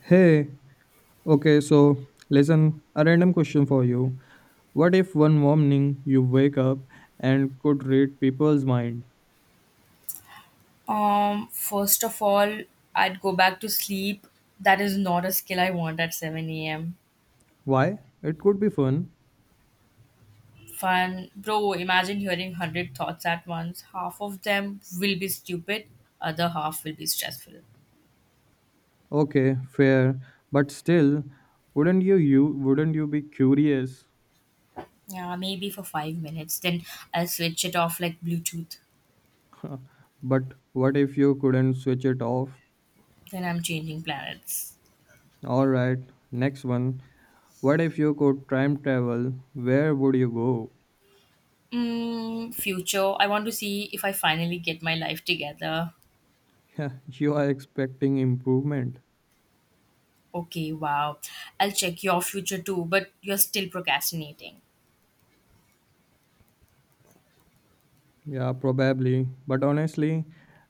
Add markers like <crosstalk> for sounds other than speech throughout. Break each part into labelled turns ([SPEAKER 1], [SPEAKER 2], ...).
[SPEAKER 1] Hey, okay, so listen, a random question for you. What if one morning you wake up and could read people's mind?
[SPEAKER 2] First of all, I'd go back to sleep. That is not a skill I want at 7 a.m.
[SPEAKER 1] Why? It could be fun.
[SPEAKER 2] Fun. Bro, imagine hearing 100 thoughts at once. Half of them will be stupid, other half will be stressful.
[SPEAKER 1] Okay, fair, but still, wouldn't you be curious?
[SPEAKER 2] Yeah, maybe for 5 minutes. Then I'll switch it off like Bluetooth.
[SPEAKER 1] But what if you couldn't switch it off?
[SPEAKER 2] Then I'm changing planets.
[SPEAKER 1] All right, next one. What if you could time travel? Where would you go?
[SPEAKER 2] Mm, future. I want to see if I finally get my life together.
[SPEAKER 1] <laughs> You are expecting improvement.
[SPEAKER 2] Okay, wow. I'll check your future too, but you're still procrastinating.
[SPEAKER 1] Yeah, probably. But honestly,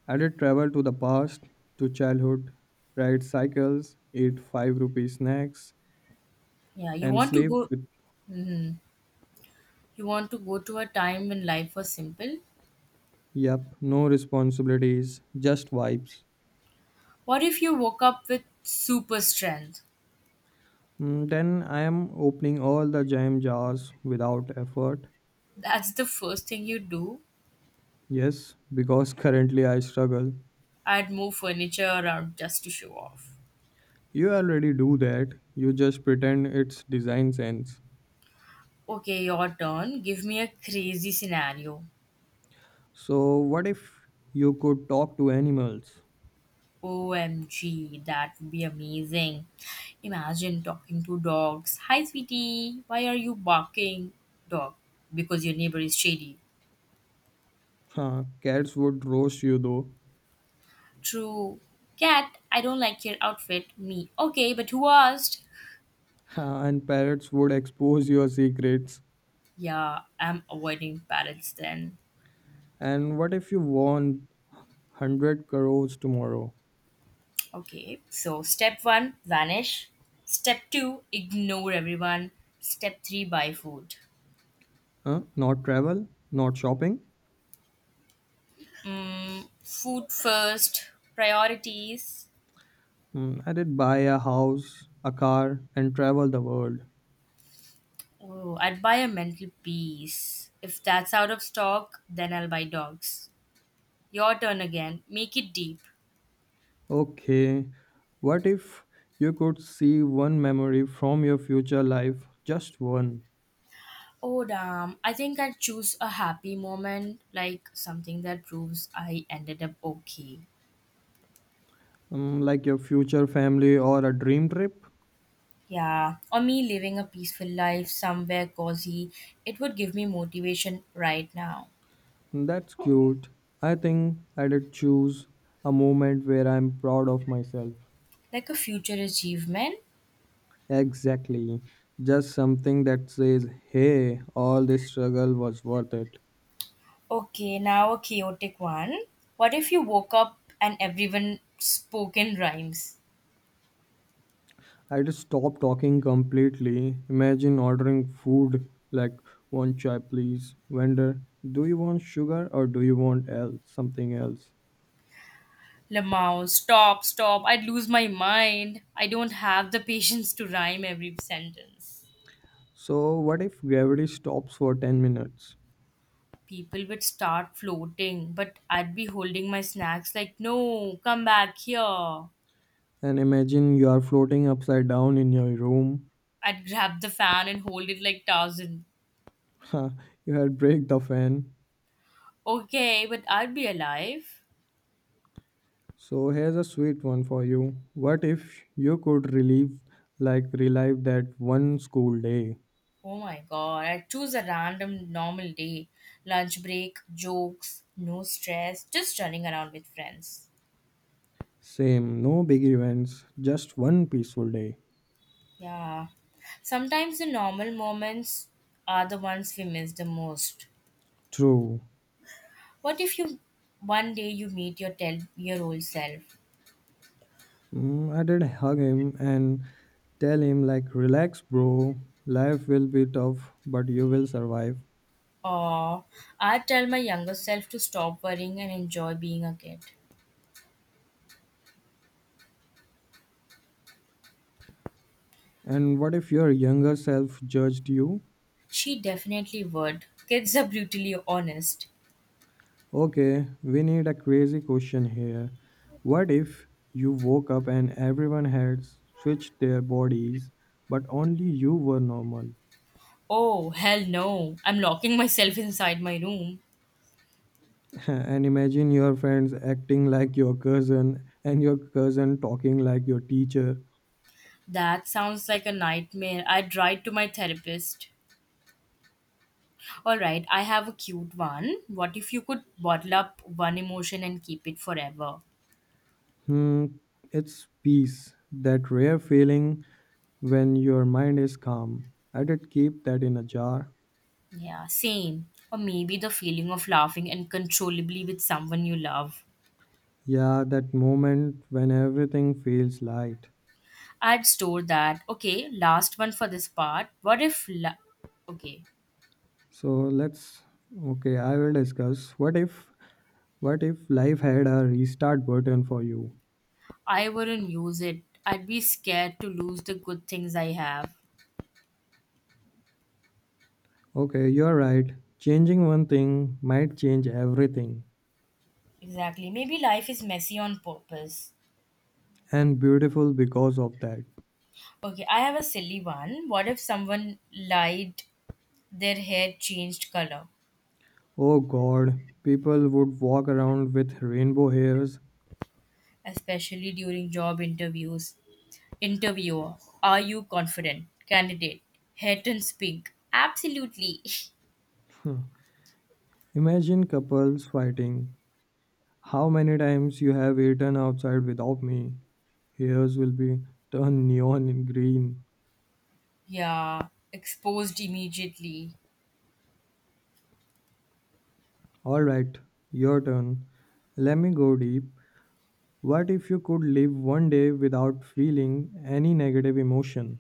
[SPEAKER 1] I did travel to the past, to childhood, ride cycles, eat 5 rupee snacks,
[SPEAKER 2] Yeah, you
[SPEAKER 1] and
[SPEAKER 2] want to
[SPEAKER 1] sleep
[SPEAKER 2] go
[SPEAKER 1] with,
[SPEAKER 2] You want to go to a time when life was simple?
[SPEAKER 1] yep, no responsibilities, just vibes.
[SPEAKER 2] What if you woke up with super strength?
[SPEAKER 1] Mm, then I am opening all the jam jars without effort.
[SPEAKER 2] That's the first thing you do.
[SPEAKER 1] Yes, because <laughs> currently I struggle.
[SPEAKER 2] I'd move furniture around just to show off.
[SPEAKER 1] You already do that, you just pretend it's design sense.
[SPEAKER 2] Okay, your turn. Give me a crazy scenario.
[SPEAKER 1] So, what if you could talk to animals?
[SPEAKER 2] OMG, that would be amazing. Imagine talking to dogs. Hi, sweetie. Why are you barking? Dog, because your neighbor is shady.
[SPEAKER 1] Huh, cats would roast you though.
[SPEAKER 2] True. Cat, I don't like your outfit. Me. Okay, but who asked?
[SPEAKER 1] <laughs> And parrots would expose your secrets.
[SPEAKER 2] Yeah, I'm avoiding parrots then.
[SPEAKER 1] And what if you won 100 crores tomorrow?
[SPEAKER 2] Okay, so step one, vanish. Step two, ignore everyone. Step three, buy food.
[SPEAKER 1] Huh? Not travel? Not shopping?
[SPEAKER 2] Food first, priorities.
[SPEAKER 1] Hmm, I did buy a house, a car, and travel the world.
[SPEAKER 2] Oh, I'd buy a mental peace. If that's out of stock, then I'll buy dogs. Your turn again. Make it deep.
[SPEAKER 1] Okay, what if you could see one memory from your future life? Just one.
[SPEAKER 2] Oh, damn. I think I'd choose a happy moment, like something that proves I ended up okay.
[SPEAKER 1] Hmm, like your future family or a dream trip?
[SPEAKER 2] Yeah, or me living a peaceful life somewhere cozy, it would give me motivation right now.
[SPEAKER 1] That's cute. I think I'd choose a moment where I'm proud of myself.
[SPEAKER 2] Like a future achievement.
[SPEAKER 1] Exactly. Just something that says, hey, all this struggle was worth it.
[SPEAKER 2] Okay, now a chaotic one. What if you woke up and everyone spoke in rhymes?
[SPEAKER 1] I just stopped talking completely. Imagine ordering food like one chai, please. Vendor, do you want sugar or do you want else something else?
[SPEAKER 2] Lamau, stop, stop, I'd lose my mind. I don't have the patience to rhyme every sentence.
[SPEAKER 1] So what if gravity stops for 10 minutes?
[SPEAKER 2] People would start floating, but I'd be holding my snacks like, no, come back here.
[SPEAKER 1] And imagine you are floating upside down in your room.
[SPEAKER 2] I'd grab the fan and hold it like Tarzan.
[SPEAKER 1] <laughs> You had break the fan.
[SPEAKER 2] Okay, but I'd be alive.
[SPEAKER 1] So here's a sweet one for you. What if you could relive relive that one school day?
[SPEAKER 2] Oh my god, I choose a random normal day. Lunch break, jokes, no stress, just running around with friends.
[SPEAKER 1] Same, no big events, just one peaceful day.
[SPEAKER 2] Yeah. Sometimes the normal moments are the ones we miss the most.
[SPEAKER 1] True.
[SPEAKER 2] What if you one day you meet your 10-year-old self?
[SPEAKER 1] Mm, I did hug him and tell him like relax bro, life will be tough but you will survive.
[SPEAKER 2] Or I'd tell my younger self to stop worrying and enjoy being a kid.
[SPEAKER 1] And what if your younger self judged you?
[SPEAKER 2] She definitely would. Kids are brutally honest.
[SPEAKER 1] Okay, we need a crazy question here. What if you woke up and everyone had switched their bodies, but only you were normal?
[SPEAKER 2] Oh, hell no. I'm locking myself inside my room.
[SPEAKER 1] <laughs> And imagine your friends acting like your cousin and your cousin talking like your teacher.
[SPEAKER 2] That sounds like a nightmare. I'd write to my therapist. Alright, I have a cute one. What if you could bottle up one emotion and keep it forever?
[SPEAKER 1] Hmm, it's peace, that rare feeling when your mind is calm. I did keep that in a jar.
[SPEAKER 2] Yeah, same. Or maybe the feeling of laughing uncontrollably with someone you love.
[SPEAKER 1] Yeah, that moment when everything feels light.
[SPEAKER 2] I'd store that. Okay, last one for this part. What if. La- okay,
[SPEAKER 1] So let's okay, I will discuss what if life had a restart button for you?
[SPEAKER 2] I wouldn't use it. I'd be scared to lose the good things I have.
[SPEAKER 1] Okay, you're right. Changing one thing might change everything
[SPEAKER 2] Exactly. Maybe life is messy on purpose.
[SPEAKER 1] and beautiful because of that.
[SPEAKER 2] Okay, I have a silly one. What if someone lied their hair changed color,
[SPEAKER 1] Oh god, people would walk around with rainbow hairs. <laughs>
[SPEAKER 2] especially during job interviews? Interviewer, are you confident? Candidate, hair turns pink. Absolutely.
[SPEAKER 1] Hmm. Imagine couples fighting. How many times you have eaten outside without me? Hairs will be turned neon in green.
[SPEAKER 2] <laughs> yeah, exposed immediately.
[SPEAKER 1] All right, your turn. Let me go deep. What if you could live one day without feeling any negative emotion?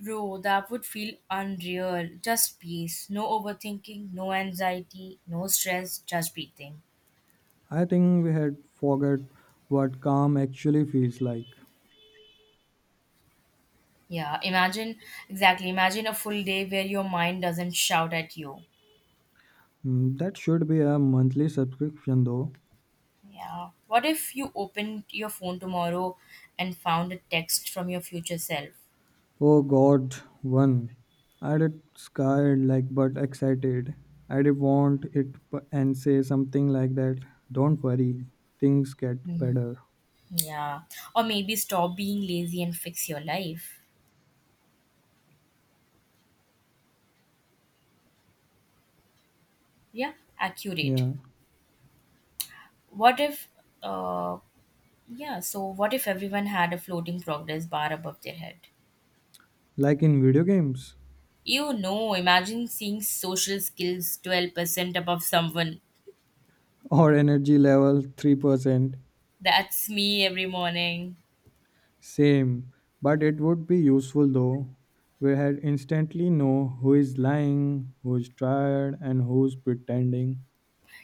[SPEAKER 2] Bro, that would feel unreal. Just peace. No overthinking, no anxiety, no stress, just breathing.
[SPEAKER 1] I think we had forgot what calm actually feels like.
[SPEAKER 2] Yeah, imagine Exactly. Imagine a full day where your mind doesn't shout at you.
[SPEAKER 1] Hmm, that should be a monthly subscription though.
[SPEAKER 2] Yeah. What if you opened your phone tomorrow and found a text from your future self?
[SPEAKER 1] Oh god, one. I did scared like but excited. I did want it and say something like that. Don't worry, things get
[SPEAKER 2] Hmm.
[SPEAKER 1] better.
[SPEAKER 2] Yeah. Or maybe stop being lazy and fix your life. Yeah. Accurate.
[SPEAKER 1] Yeah,
[SPEAKER 2] What if, uh, yeah, so what if everyone had a floating progress bar above their head?
[SPEAKER 1] like in video games
[SPEAKER 2] You know, imagine seeing social skills 12% above someone.
[SPEAKER 1] or energy level 3%.
[SPEAKER 2] That's me every morning.
[SPEAKER 1] Same, but it would be useful though. We had instantly know who is lying, who's tired, and who's pretending.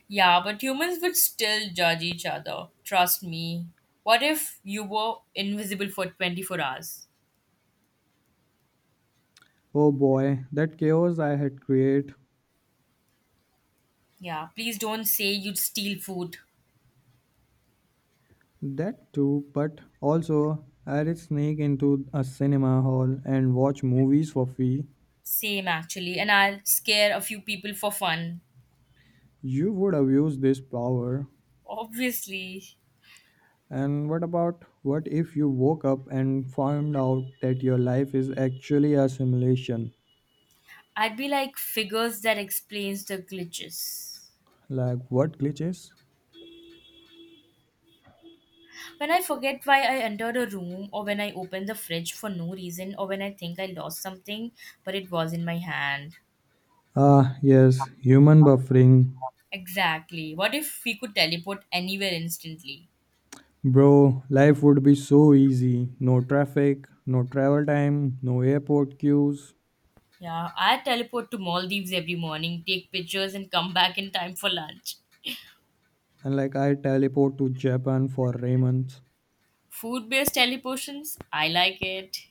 [SPEAKER 2] Yeah, but humans would still judge each other. Trust me. What if you were invisible for 24 hours?
[SPEAKER 1] Oh boy, that chaos I had created.
[SPEAKER 2] Yeah, please don't say you'd steal food.
[SPEAKER 1] That too, but also I would sneak into a cinema hall and watch movies for free.
[SPEAKER 2] Same actually, and I'll scare a few people for fun.
[SPEAKER 1] You would abuse this power.
[SPEAKER 2] Obviously,
[SPEAKER 1] And what about what if you woke up and found out that your life is actually a simulation?
[SPEAKER 2] I'd be like figures that explains the glitches.
[SPEAKER 1] Like what glitches?
[SPEAKER 2] When I forget why I entered a room or when I open the fridge for no reason or when I think I lost something but it was in my hand.
[SPEAKER 1] Ah, yes, human buffering.
[SPEAKER 2] Exactly. What if we could teleport anywhere instantly?
[SPEAKER 1] Bro, life would be so easy. No traffic, no travel time, no airport queues.
[SPEAKER 2] Yeah, I teleport to Maldives every morning, take pictures, and come back in time for lunch.
[SPEAKER 1] And like I teleport to Japan for ramen.
[SPEAKER 2] Food based teleportations, I like it.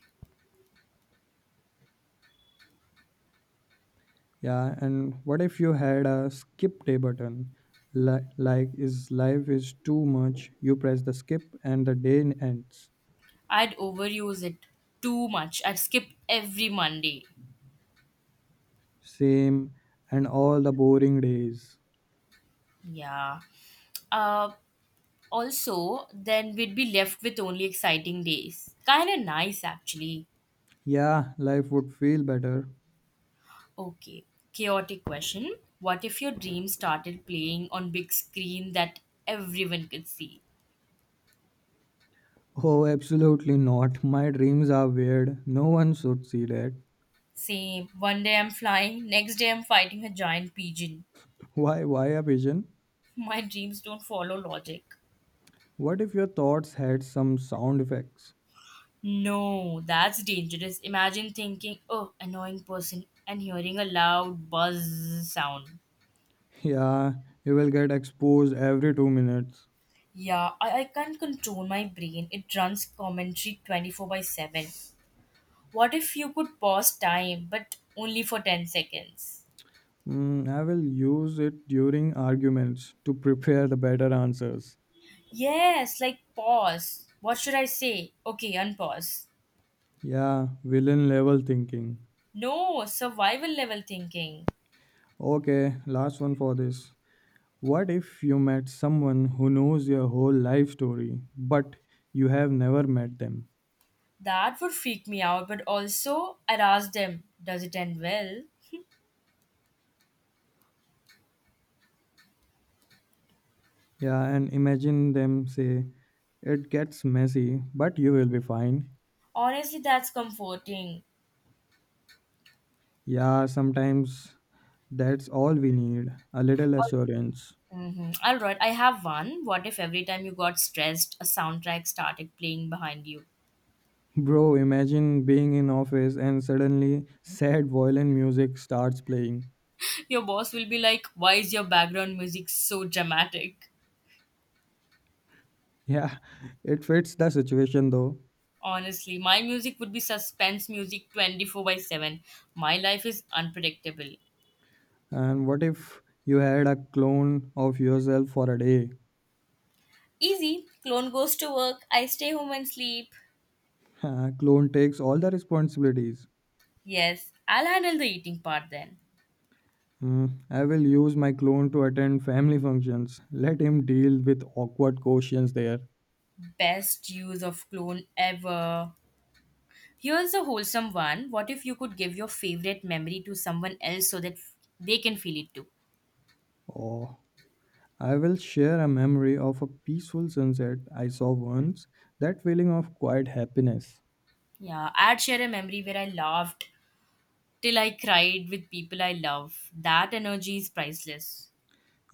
[SPEAKER 1] Yeah, and what if you had a skip day button? Li- like is life is too much. You press the skip and the day ends.
[SPEAKER 2] I'd overuse it too much. I'd skip every Monday.
[SPEAKER 1] Same and all the boring days.
[SPEAKER 2] Yeah. Uh, also, then we'd be left with only exciting days. Kinda nice, actually.
[SPEAKER 1] Yeah, life would feel better.
[SPEAKER 2] Okay, chaotic question. What if your dream started playing on big screen that everyone could see?
[SPEAKER 1] Oh, absolutely not. My dreams are weird. No one should see that.
[SPEAKER 2] Same. One day I'm flying, next day I'm fighting a giant pigeon.
[SPEAKER 1] Why a vision?
[SPEAKER 2] <laughs> My dreams don't follow logic.
[SPEAKER 1] What if your thoughts had some sound effects?
[SPEAKER 2] No, that's dangerous. Imagine thinking, oh, annoying person, and hearing a loud buzz sound.
[SPEAKER 1] Yeah, you will get exposed every 2 minutes.
[SPEAKER 2] Yeah, I can't control my brain. It runs commentary 24 by 7. What if you could pause time, but only for 10 seconds?
[SPEAKER 1] Mm, I will use it during arguments to prepare the better answers.
[SPEAKER 2] Yes, like pause. What should I say? Okay, unpause.
[SPEAKER 1] Yeah, villain level thinking.
[SPEAKER 2] No, survival level thinking.
[SPEAKER 1] Okay, last one for this. What if you met someone who knows your whole life story, but you have never met them?
[SPEAKER 2] That would freak me out, but also I'd ask them, does it end well? <laughs>
[SPEAKER 1] Yeah, and imagine them say, it gets messy, but you will be fine.
[SPEAKER 2] Honestly, that's comforting.
[SPEAKER 1] Yeah, sometimes that's all we need a little assurance.
[SPEAKER 2] Mm-hmm. All right, I have one. What if every time you got stressed, a soundtrack started playing behind you?
[SPEAKER 1] Bro, imagine being in office and suddenly sad violin music starts playing. <laughs>
[SPEAKER 2] Your boss will be like, why is your background music so dramatic?
[SPEAKER 1] Yeah, it fits the situation though.
[SPEAKER 2] Honestly, my music would be suspense music 24 by 7. My life is unpredictable.
[SPEAKER 1] And what if you had a clone of yourself for a day?
[SPEAKER 2] Easy. Clone goes to work. I stay home and sleep.
[SPEAKER 1] <laughs> Clone takes all the responsibilities.
[SPEAKER 2] Yes, I'll handle the eating part then.
[SPEAKER 1] Hmm. I will use my clone to attend family functions. Let him deal with awkward questions there.
[SPEAKER 2] Best use of clone ever. Here's a wholesome one. What if you could give your favorite memory to someone else so that they can feel it too?
[SPEAKER 1] Oh, I will share a memory of a peaceful sunset I saw once. That feeling of quiet happiness.
[SPEAKER 2] Yeah, I'd share a memory where I laughed till I cried with people I love. That energy is priceless.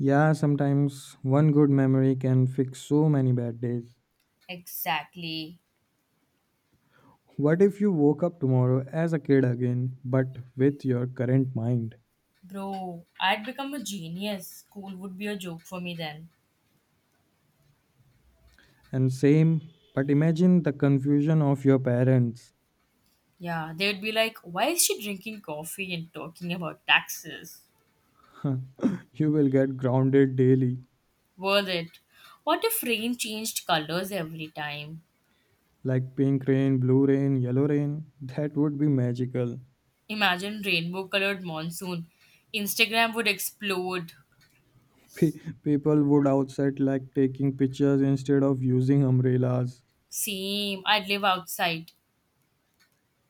[SPEAKER 1] Yeah, sometimes one good memory can fix so many bad days.
[SPEAKER 2] Exactly.
[SPEAKER 1] What if you woke up tomorrow as a kid again, but with your current mind?
[SPEAKER 2] Bro, I'd become a genius. School would be a joke for me then.
[SPEAKER 1] And same, but imagine the confusion of your parents.
[SPEAKER 2] Yeah, they'd be like, why is she drinking coffee and talking about taxes?
[SPEAKER 1] You will get grounded daily.
[SPEAKER 2] Worth it. What if rain changed colors every time?
[SPEAKER 1] Like pink rain, blue rain, yellow rain. That would be magical.
[SPEAKER 2] Imagine rainbow colored monsoon. Instagram would explode.
[SPEAKER 1] Pe- People would outside like taking pictures instead of using umbrellas.
[SPEAKER 2] Same. I'd live outside.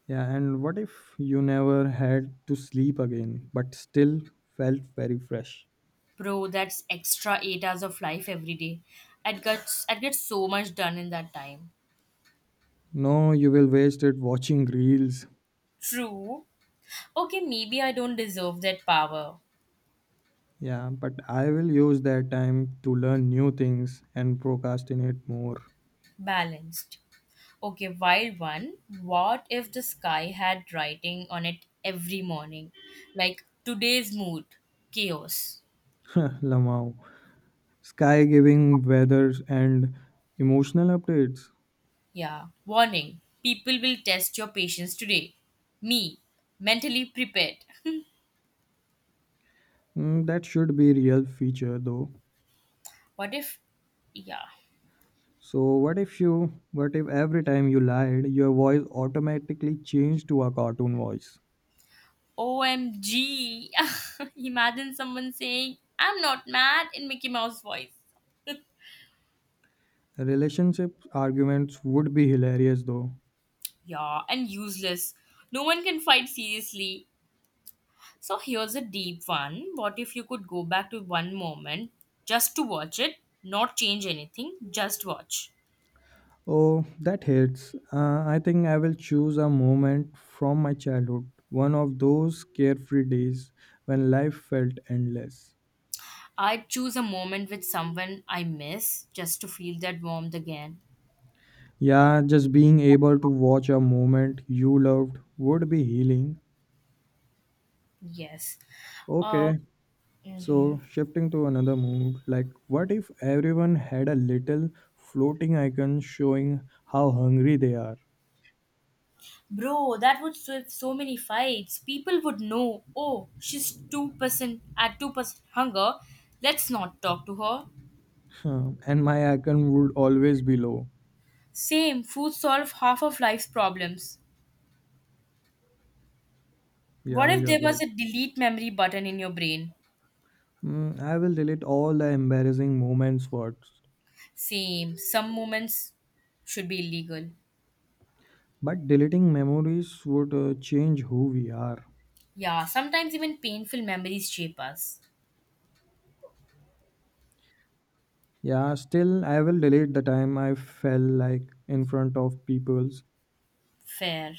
[SPEAKER 1] Yeah, and what if you never had to sleep again, but still felt very fresh?
[SPEAKER 2] Bro, that's extra 8 hours of life every day. I'd get so much done in that time.
[SPEAKER 1] No, you will waste it watching reels.
[SPEAKER 2] True. Okay, maybe I don't deserve that power.
[SPEAKER 1] Yeah, but I will use that time to learn new things and procrastinate more.
[SPEAKER 2] Balanced. Okay, wild one. What if the sky had writing on it every morning? Like today's mood, chaos.
[SPEAKER 1] <laughs> Lamau. Sky giving weather and emotional updates.
[SPEAKER 2] Yeah. Warning people will test your patience today. Me, mentally prepared.
[SPEAKER 1] Mm, that should be real feature though.
[SPEAKER 2] <laughs> What if, yeah.
[SPEAKER 1] So what if every time you lied your voice automatically changed to a cartoon voice?
[SPEAKER 2] OMG. <laughs> Imagine someone saying, I'm not mad in Mickey Mouse voice.
[SPEAKER 1] Relationship arguments would be hilarious though.
[SPEAKER 2] Yeah, and useless. No one can fight seriously. So here's a deep one. What if you could go back to one moment just to watch it, not change anything, just watch?
[SPEAKER 1] Oh, that hits. I think I will choose a moment from my childhood, one of those carefree days when life felt endless.
[SPEAKER 2] I'd choose a moment with someone I miss just to feel that warmth again.
[SPEAKER 1] Yeah, just being able to watch a moment you loved would be healing.
[SPEAKER 2] Yes. Uh,
[SPEAKER 1] Okay,
[SPEAKER 2] hmm
[SPEAKER 1] so, shifting to another mood, like what if everyone had a little floating icon showing how hungry they are?
[SPEAKER 2] Bro, that would save so many fights. People would know, oh, she's 2% at 2% hunger. Let's not talk to her.
[SPEAKER 1] <laughs> Huh, and my icon would always be low.
[SPEAKER 2] Same, food solve half of life's problems. What
[SPEAKER 1] Yeah,
[SPEAKER 2] if
[SPEAKER 1] you're
[SPEAKER 2] there was
[SPEAKER 1] right.
[SPEAKER 2] a delete memory button in your brain?
[SPEAKER 1] Mm, I will delete all the embarrassing moments first.
[SPEAKER 2] Same, some moments should be illegal.
[SPEAKER 1] But deleting memories would change who we are.
[SPEAKER 2] Yeah, sometimes even painful memories shape us.
[SPEAKER 1] Yeah, still, I will delete the time I fell like in front of peoples.
[SPEAKER 2] Fair.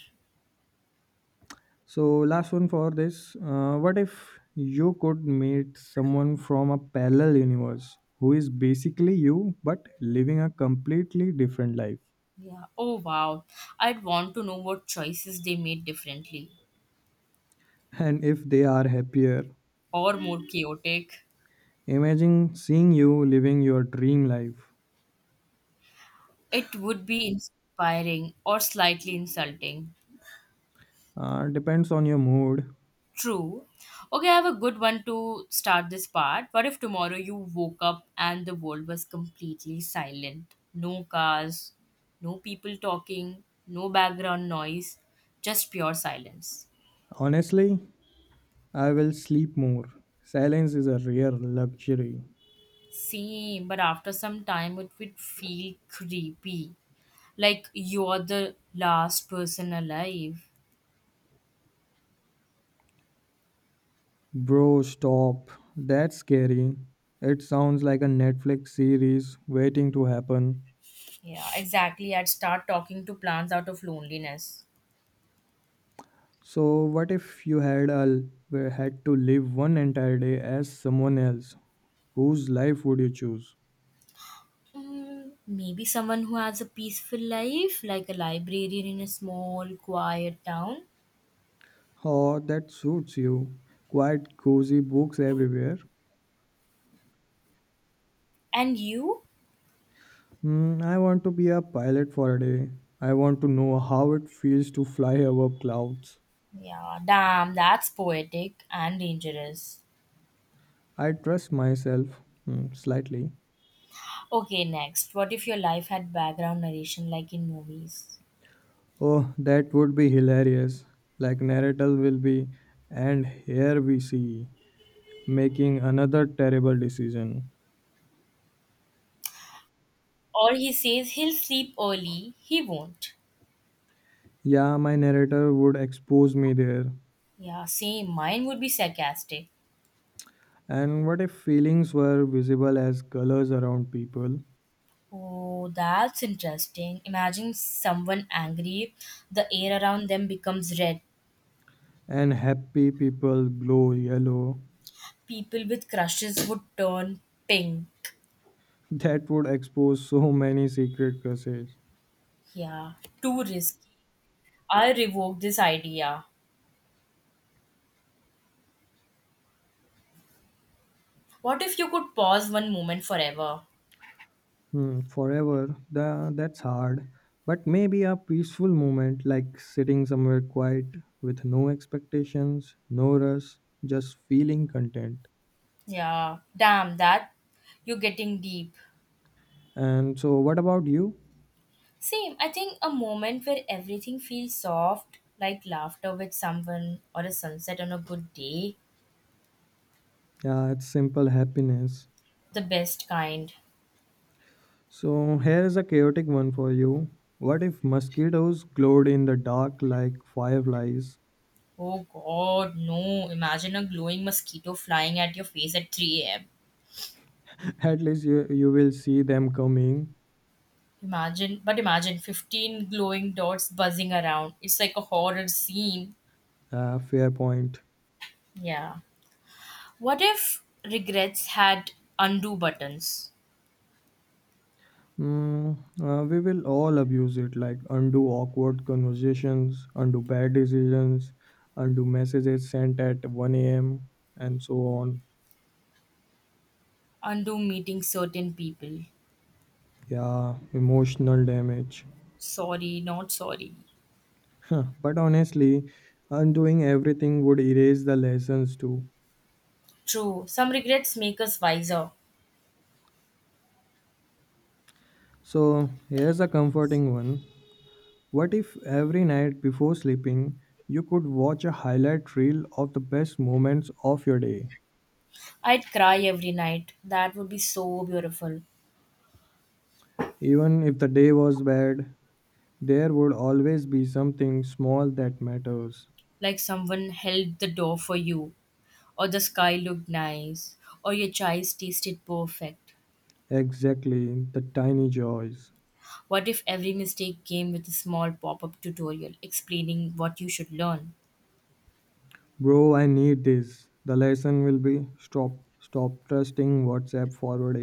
[SPEAKER 1] So, last one for this. What if you could meet someone from a parallel universe who is basically you but living a completely different life?
[SPEAKER 2] Yeah. Oh wow. I'd want to know what choices they made differently
[SPEAKER 1] And if they are happier,
[SPEAKER 2] or more chaotic.
[SPEAKER 1] imagine seeing you living your dream life.
[SPEAKER 2] It would be inspiring or slightly insulting.
[SPEAKER 1] Depends on your mood.
[SPEAKER 2] True. Okay, I have a good one to start this part. What if tomorrow you woke up and the world was completely silent? No cars, no people talking, no background noise, just pure silence.
[SPEAKER 1] Honestly, I will sleep more. Silence is a rare luxury.
[SPEAKER 2] Same, but after some time it would feel creepy. Like you're the last person alive.
[SPEAKER 1] Bro, stop. That's scary. It sounds like a Netflix series waiting to happen.
[SPEAKER 2] Yeah, exactly. I'd start talking to plants out of loneliness.
[SPEAKER 1] So, what if you had to live one entire day as someone else? Whose life would you choose?
[SPEAKER 2] Mm, maybe someone who has a peaceful life, like a librarian in a small, quiet town.
[SPEAKER 1] Oh, that suits you. Quite cozy books everywhere.
[SPEAKER 2] And you?
[SPEAKER 1] Hmm, I want to be a pilot for a day. I want to know how it feels to fly above clouds.
[SPEAKER 2] Yeah, damn, that's poetic and dangerous.
[SPEAKER 1] I trust myself hmm, slightly.
[SPEAKER 2] Okay, next. What if your life had background narration like in movies?
[SPEAKER 1] Oh, that would be hilarious. Like Naruto will be, and here we see making another terrible decision.
[SPEAKER 2] Or he says he'll sleep early, he won't.
[SPEAKER 1] Yeah, my narrator would expose me there.
[SPEAKER 2] Yeah, same. Mine would be sarcastic.
[SPEAKER 1] And what if feelings were visible as colors around people?
[SPEAKER 2] Oh, that's interesting. Imagine someone angry, the air around them becomes red.
[SPEAKER 1] And happy people glow yellow.
[SPEAKER 2] People with crushes would turn pink.
[SPEAKER 1] <laughs> That would expose so many secret curses.
[SPEAKER 2] Yeah, too risky. I revoke this idea. What if you could pause one moment forever?
[SPEAKER 1] Hmm, forever. That's hard. But maybe a peaceful moment, like sitting somewhere quiet with no expectations, no rush, just feeling content.
[SPEAKER 2] Yeah, damn that. You're getting deep.
[SPEAKER 1] And so, what about you?
[SPEAKER 2] Same, I think a moment where everything feels soft, like laughter with someone or a sunset on a good day,
[SPEAKER 1] Yeah, it's simple happiness.
[SPEAKER 2] the best kind.
[SPEAKER 1] So here's a chaotic one for you. What if mosquitoes glowed in the dark like fireflies?
[SPEAKER 2] Oh god, no. Imagine a glowing mosquito flying at your face at 3 am.
[SPEAKER 1] <laughs> At least you will see them coming.
[SPEAKER 2] But imagine 15 glowing dots buzzing around. It's like a horror scene.
[SPEAKER 1] Fair point.
[SPEAKER 2] Yeah. What if regrets had undo buttons?
[SPEAKER 1] Mm, we will all abuse it, like undo awkward conversations, undo bad decisions, undo messages sent at 1 a.m., and so on.
[SPEAKER 2] Undo meeting certain people.
[SPEAKER 1] Yeah, emotional damage. <laughs>
[SPEAKER 2] Sorry, not sorry.
[SPEAKER 1] Huh, but honestly, undoing everything would erase the lessons too.
[SPEAKER 2] True, some regrets make us wiser.
[SPEAKER 1] So, here's a comforting one. What if every night before sleeping, you could watch a highlight reel of the best moments of your day?
[SPEAKER 2] I'd cry every night. That would be so beautiful.
[SPEAKER 1] Even if the day was bad, there would always be something small that matters.
[SPEAKER 2] Like someone held the door for you, or the sky looked nice, or your choice tasted perfect.
[SPEAKER 1] Exactly, the tiny joys.
[SPEAKER 2] What if every mistake came with a small pop up tutorial explaining what you should learn?
[SPEAKER 1] Bro, I need this. The lesson will be stop trusting WhatsApp forward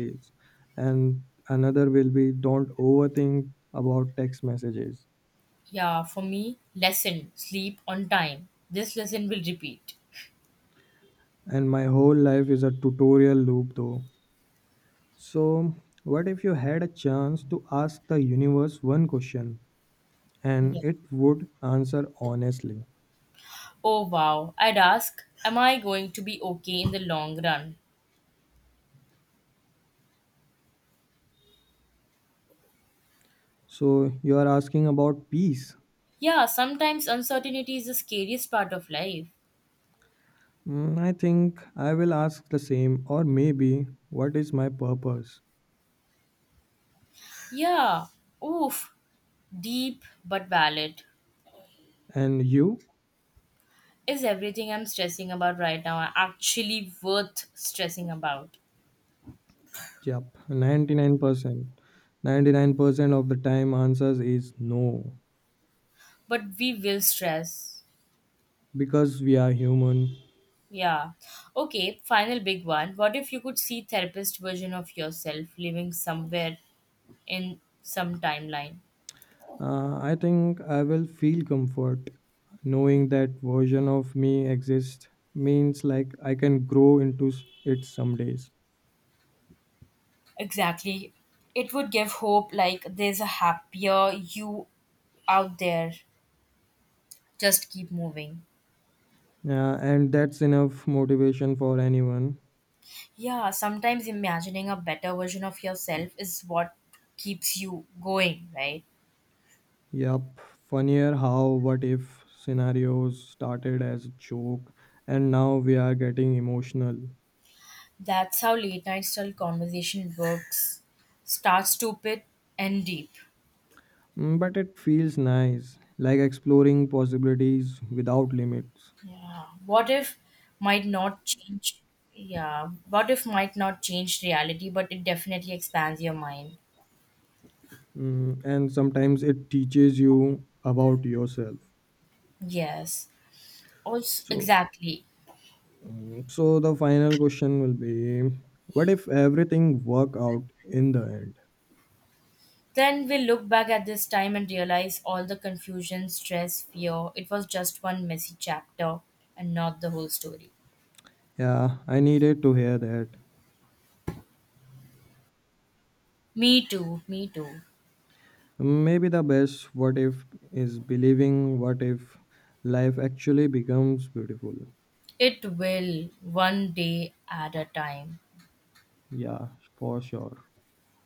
[SPEAKER 1] and another will be don't overthink about text messages.
[SPEAKER 2] Yeah, for me, lesson sleep on time. This lesson will repeat.
[SPEAKER 1] And my whole life is a tutorial loop though. So, what if you had a chance to ask the universe one question and
[SPEAKER 2] Yeah.
[SPEAKER 1] it would answer honestly?
[SPEAKER 2] Oh wow, I'd ask, am I going to be okay in the long run?
[SPEAKER 1] So, you are asking about peace.
[SPEAKER 2] Yeah, sometimes uncertainty is the scariest part of life.
[SPEAKER 1] Mm, I think I will ask the same, or maybe what is my purpose?
[SPEAKER 2] Yeah, oof, deep but valid.
[SPEAKER 1] And you?
[SPEAKER 2] Is everything I'm stressing about right now actually worth stressing about?
[SPEAKER 1] Yep, 99%. 99% of the time answers is no
[SPEAKER 2] But we will stress.
[SPEAKER 1] because we are human.
[SPEAKER 2] Yeah. Okay, final big one. What if you could see therapist version of yourself living somewhere in some timeline?
[SPEAKER 1] I think I will feel comfort knowing that version of me exists means like I can grow into it some days.
[SPEAKER 2] Exactly. It would give hope like there's a happier you out there. Just keep moving.
[SPEAKER 1] Yeah, and that's enough motivation for anyone.
[SPEAKER 2] Yeah, sometimes imagining a better version of yourself is what keeps you going, right?
[SPEAKER 1] Yup, funnier how what if scenarios started as a joke and now we are getting emotional.
[SPEAKER 2] That's how late night style conversation works. Start stupid and deep.
[SPEAKER 1] Mm, but it feels nice, like exploring possibilities without limits.
[SPEAKER 2] Yeah. What if might not change? Yeah. What if might not change reality, but it definitely expands your mind?
[SPEAKER 1] Mm, and sometimes it teaches you about yourself.
[SPEAKER 2] Yes. Also,
[SPEAKER 1] So,
[SPEAKER 2] exactly.
[SPEAKER 1] mm, so the final question will be what if everything work out in the end?
[SPEAKER 2] Then we look back at this time and realize all the confusion, stress, fear, it was just one messy chapter and not the whole story.
[SPEAKER 1] Yeah, I needed to hear that.
[SPEAKER 2] Me too, me too.
[SPEAKER 1] Mm, maybe the best what if is believing what if life actually becomes beautiful.
[SPEAKER 2] It will one day at a time.
[SPEAKER 1] Yeah, for sure.